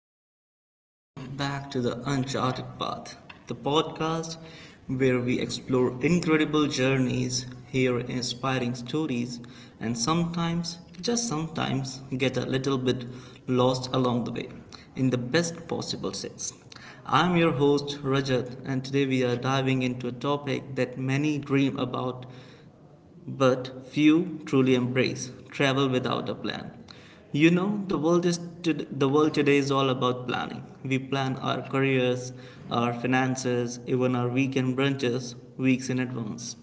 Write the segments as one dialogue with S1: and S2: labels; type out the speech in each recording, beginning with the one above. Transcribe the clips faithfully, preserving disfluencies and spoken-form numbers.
S1: welcome, welcome back to the Uncharted Path, the podcast where we explore incredible journeys, hear inspiring stories, and sometimes, just sometimes, get a little bit lost along the way in the best possible sense. I'm your host Rajat, and today we are diving into a topic that many dream about but few truly embrace travel without a plan. You know, the world is to, the world today is all about planning. We plan our careers, our finances, even our weekend brunches weeks in advance.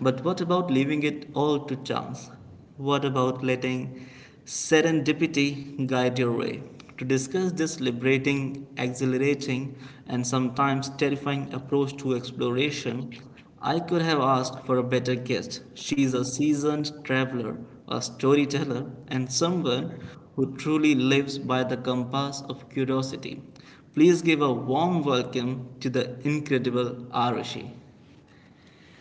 S1: But what about leaving it all to chance? What about letting serendipity guide your way? To discuss this liberating, exhilarating, and sometimes terrifying approach to exploration, I could have asked for a better guest. She's a seasoned traveler, a storyteller, and someone who truly lives by the compass of curiosity. Please give a warm welcome to the incredible Arushi.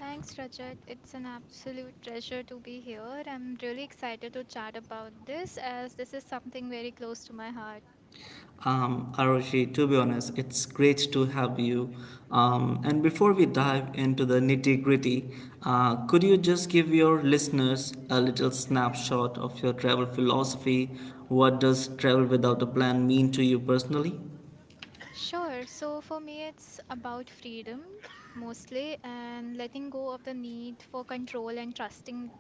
S2: Thanks, Rajat. It's an absolute pleasure to be here. I'm really excited to chat about this as this is something very close to my heart.
S1: Um, Aroshi, to be honest, it's great to have you. Um, and before we dive into the nitty gritty, uh, could you just give your listeners a little snapshot of your travel philosophy? What does travel without a plan mean to you personally?
S2: Sure. So for me, it's about freedom mostly and letting go of the need for control and trusting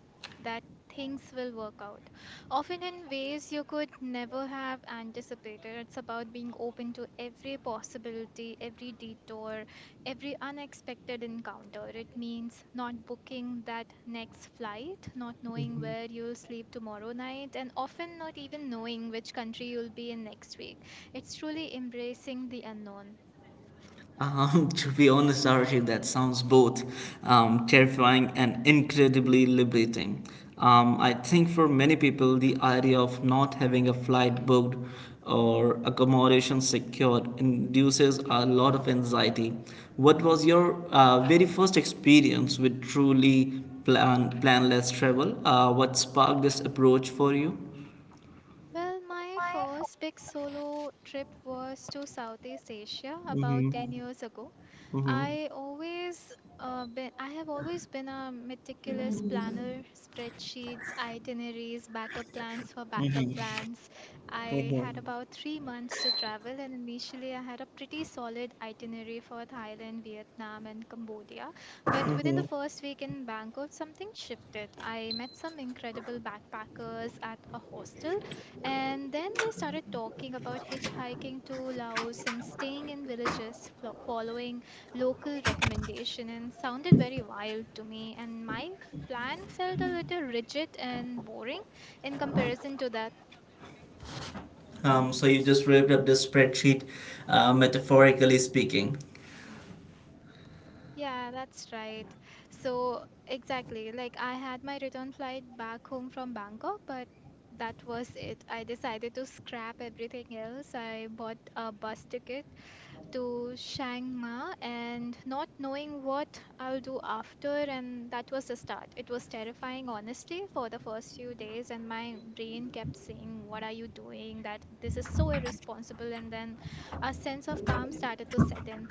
S2: that things will work out. Often in ways you could never have anticipated. It's about being open to every possibility, every detour, every unexpected encounter. It means not booking that next flight, not knowing where you'll sleep tomorrow night, and often not even knowing which country you'll be in next week. It's truly embracing the unknown.
S1: Um, to be honest, Archie, that sounds both um, terrifying and incredibly liberating. Um, I think for many people, the idea of not having a flight booked or accommodation secured induces a lot of anxiety. What was your uh, very first experience with truly plan- planless travel? Uh, what sparked this approach for you?
S2: Well, my
S1: My phone.
S2: first big solo trip was to Southeast Asia about
S1: Mm-hmm.
S2: ten years ago.
S1: Mm-hmm.
S2: I always uh, been I have always been a meticulous planner, spreadsheets, itineraries, backup plans for backup plans. I had
S1: Mm-hmm.
S2: about three months to travel, and initially I had a pretty solid itinerary for Thailand, Vietnam, and Cambodia. But within the first week in Bangkok, something shifted. I met some incredible backpackers at a hostel and then we started talking about hitchhiking to Laos and staying in villages, flo- following local recommendation, and sounded very wild to me. And my plan felt a little rigid and boring in comparison to that.
S1: Um, so you just ripped up the spreadsheet, uh, metaphorically speaking.
S2: Yeah, that's right. So, exactly, like I had my return flight back home from Bangkok, but that was it. I decided to scrap everything else. I bought a bus ticket to Chiang Mai and not knowing what I'll do after, and that was the start. It was terrifying, honestly, for the first few days, and my brain kept saying, "What are you doing? That this is so irresponsible." And then a sense of calm started to set in.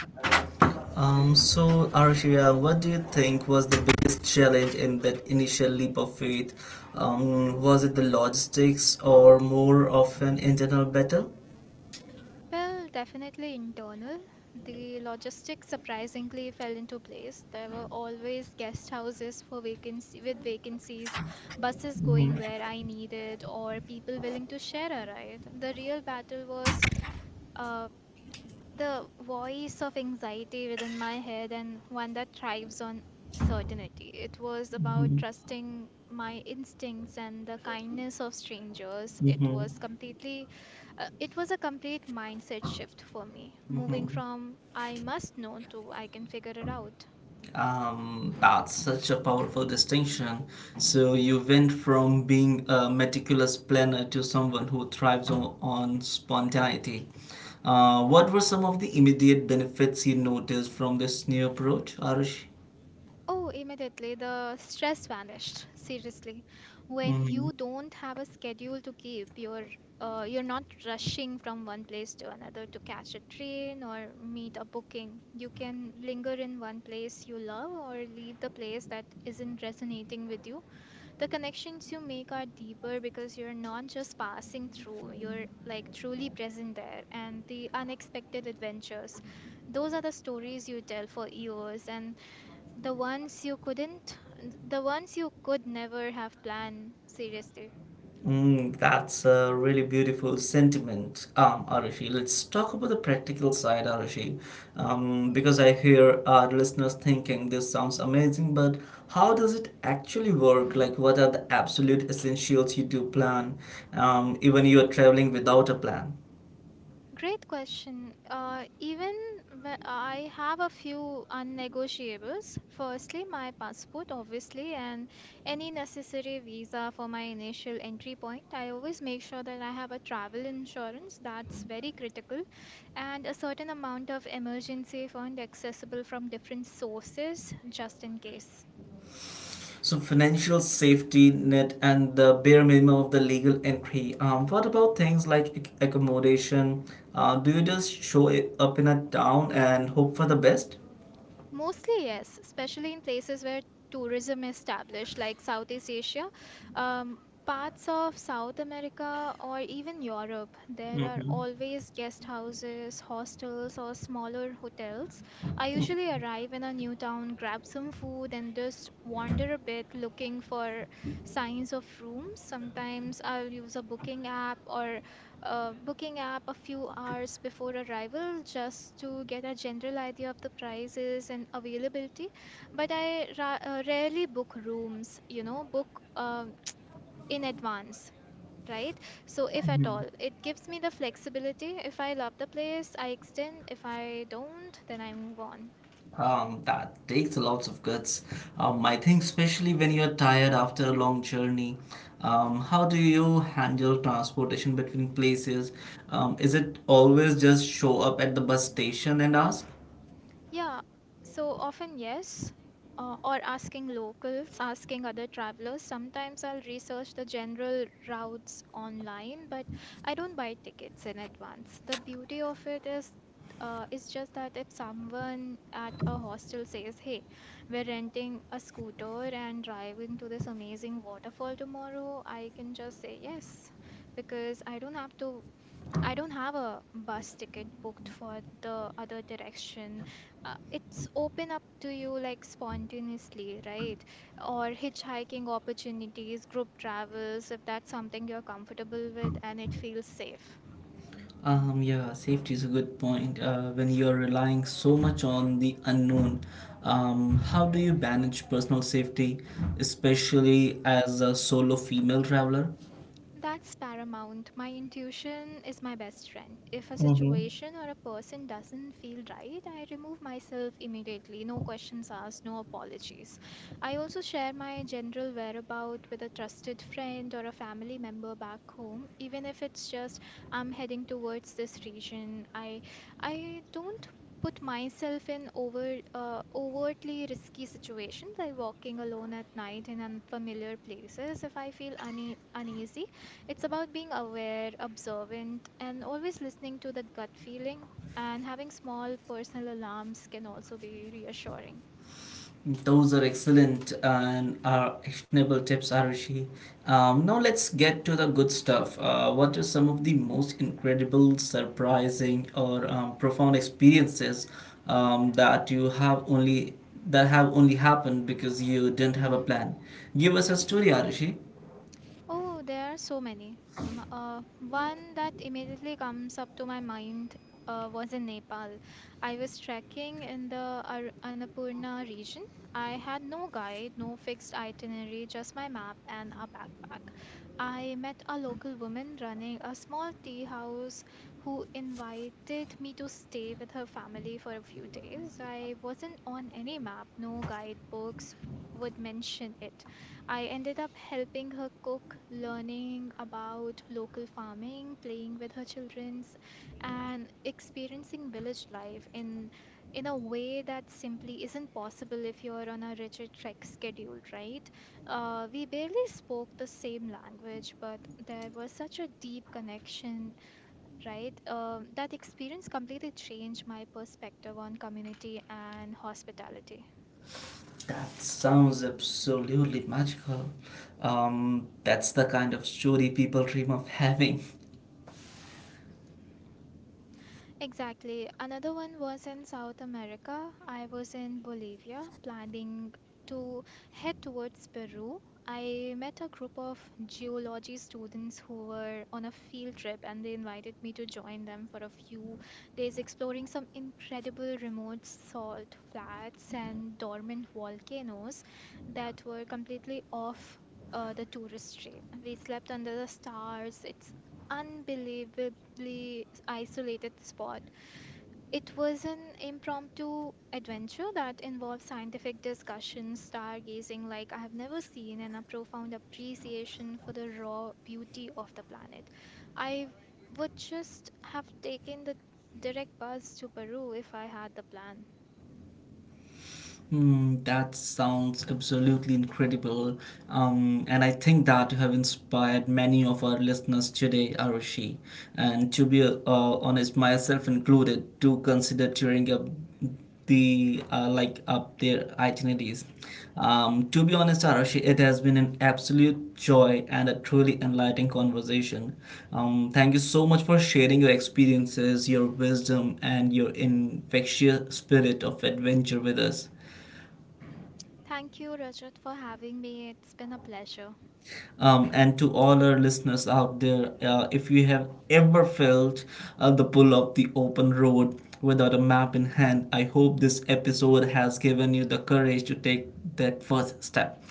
S1: Um, so, Arshia, what do you think was the biggest challenge in that initial leap of faith? Um, was it the logistics or more of an internal battle?
S2: Well, definitely internal. The logistics surprisingly fell into place. There were always guest houses for vacancy with vacancies, buses going where I needed, or people willing to share a ride. The real battle was uh, the voice of anxiety within my head and one that thrives on certainty. It was about trusting my instincts and the kindness of strangers. It
S1: Mm-hmm.
S2: was completely, uh, it was a complete mindset shift for me, moving
S1: Mm-hmm.
S2: from "I must know" to "I can figure it out."
S1: Um, that's such a powerful distinction. So you went from being a meticulous planner to someone who thrives on, on spontaneity. Uh, what were some of the immediate benefits you noticed from this new approach, Arush?
S2: Oh, immediately the stress vanished. Seriously, when
S1: Mm-hmm.
S2: you don't have a schedule to keep, you're uh, you're not rushing from one place to another to catch a train or meet a booking. You can linger in one place you love or leave the place that isn't resonating with you. The connections you make are deeper because you're not just passing through, you're like truly present there. And the unexpected adventures, those are the stories you tell for years and the ones you couldn't, the ones you could never have planned, seriously.
S1: Mm, that's a really beautiful sentiment, um, Arushi. Let's talk about the practical side, Arushi, um, because I hear our listeners thinking this sounds amazing, but how does it actually work? Like, what are the absolute essentials you do plan, um, even you are traveling without a plan?
S2: Great question. Uh, even wh- I have a few unnegotiables. Firstly, my passport, obviously, and any necessary visa for my initial entry point. I always make sure that I have a travel insurance, that's very critical, and a certain amount of emergency fund accessible from different sources just in case.
S1: So, financial safety net and the bare minimum of the legal entry. Um, what about things like ac- accommodation? Uh, do you just show it up in a town and hope for the best?
S2: Mostly, yes, especially in places where tourism is established, like Southeast Asia, um, parts of South America, or even Europe. There are
S1: Mhm.
S2: always guest houses, hostels, or smaller hotels. I usually arrive in a new town, grab some food, and just wander a bit looking for signs of rooms. Sometimes I'll use a booking app or uh, booking app a few hours before arrival just to get a general idea of the prices and availability. But I ra uh, rarely book rooms, you know, book um in advance. Right? So, if at all, it gives me the flexibility. If I love the place, I extend. If I don't, then I move on.
S1: Um, that takes a lots of guts. Um, I think especially when you're tired after a long journey. Um, how do you handle transportation between places? Um, is it always just show up at the bus station and ask?
S2: Yeah, so often yes, uh, or asking locals, asking other travelers. Sometimes I'll research the general routes online, but I don't buy tickets in advance. The beauty of it is uh, is just that if someone at a hostel says, "Hey, we're renting a scooter and driving to this amazing waterfall tomorrow," I can just say yes because I don't have to I don't have a bus ticket booked for the other direction. Uh, it's open up to you like spontaneously, right? Or hitchhiking opportunities, group travels, if that's something you're comfortable with and it feels safe.
S1: Um, yeah, safety is a good point. Uh, when you're relying so much on the unknown, um, how do you manage personal safety, especially as a solo female traveler?
S2: That's paramount. My intuition is my best friend. If a
S1: Mm-hmm.
S2: situation or a person doesn't feel right, I remove myself immediately. No questions asked, no apologies. I also share my general whereabout with a trusted friend or a family member back home, even if it's just "I'm heading towards this region." I I don't put myself in over uh, overtly risky situations like walking alone at night in unfamiliar places if I feel une- uneasy. It's about being aware, observant, and always listening to the gut feeling, and having small personal alarms can also be reassuring.
S1: Those are excellent and are actionable tips, Arushi. Um, now let's get to the good stuff. Uh, what are some of the most incredible, surprising, or um, profound experiences um, that you have only that have only happened because you didn't have a
S2: Mhm.
S1: plan? Give us a story, Arushi.
S2: Oh, there are so many. Mm, Uh, one that immediately comes up to my mind uh, was in Nepal. I was trekking in the Ar Annapurna region. I had no guide, no fixed itinerary, just my map and a backpack. I met a local woman running a small tea house who invited me to stay with her family for a few days. I wasn't on any map, no guidebooks would mention it. I ended up helping her cook, learning about local farming, playing with her children's, and experiencing village life in in a way that simply isn't possible if you're on a rigid trek schedule, right? Uh, we barely spoke the same language, but there was such a deep connection, right? Um, that experience completely changed my perspective on community and hospitality.
S1: That sounds absolutely magical. Um, that's the kind of story people dream of having.
S2: Exactly. Another one was in South America. I was in Bolivia planning to head towards Peru. I met a group of geology students who were on a field trip and they invited me to join them for a few days exploring some incredible remote salt flats and dormant volcanoes that were completely off uh, the tourist trail. We slept under the stars. It's unbelievably isolated spot. It was an impromptu adventure that involved scientific discussions, stargazing like I have never seen, and a profound appreciation for the raw beauty of the planet. I would just have taken the direct bus to Peru if I had the plan.
S1: Mm, that sounds absolutely incredible. Um, and I think that you have inspired many of our listeners today, Arushi. And to be uh, honest, myself included, to consider tearing up the uh, like up their itineraries. Um, to be honest, Arushi, it has been an absolute joy and a truly enlightening conversation. Um, thank you so much for sharing your experiences, your wisdom, and your infectious spirit of adventure with us.
S2: Thank you, Rajat, for having me. It's been a pleasure.
S1: Um, and to all our listeners out there, uh, if you have ever felt uh, the pull of the open road without a map in hand, I hope this episode has given you the courage to take that first step.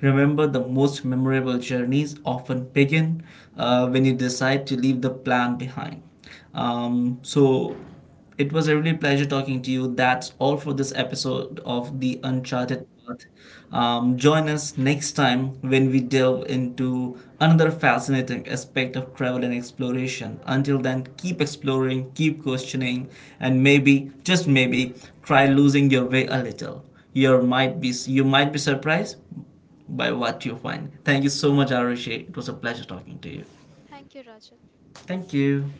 S1: Remember, the most memorable journeys often begin uh, when you decide to leave the plan behind. Um, so, it was a really pleasure talking to you. That's all for this episode of The Uncharted Path. Um, join us next time when we delve into another fascinating aspect of travel and exploration. Until then, keep exploring, keep questioning, and maybe, just maybe, try losing your way a little. You might be, you might be surprised by what you find. Thank you so much, Arushi. It was a pleasure talking to you.
S2: Thank you, Rajat.
S1: Thank you.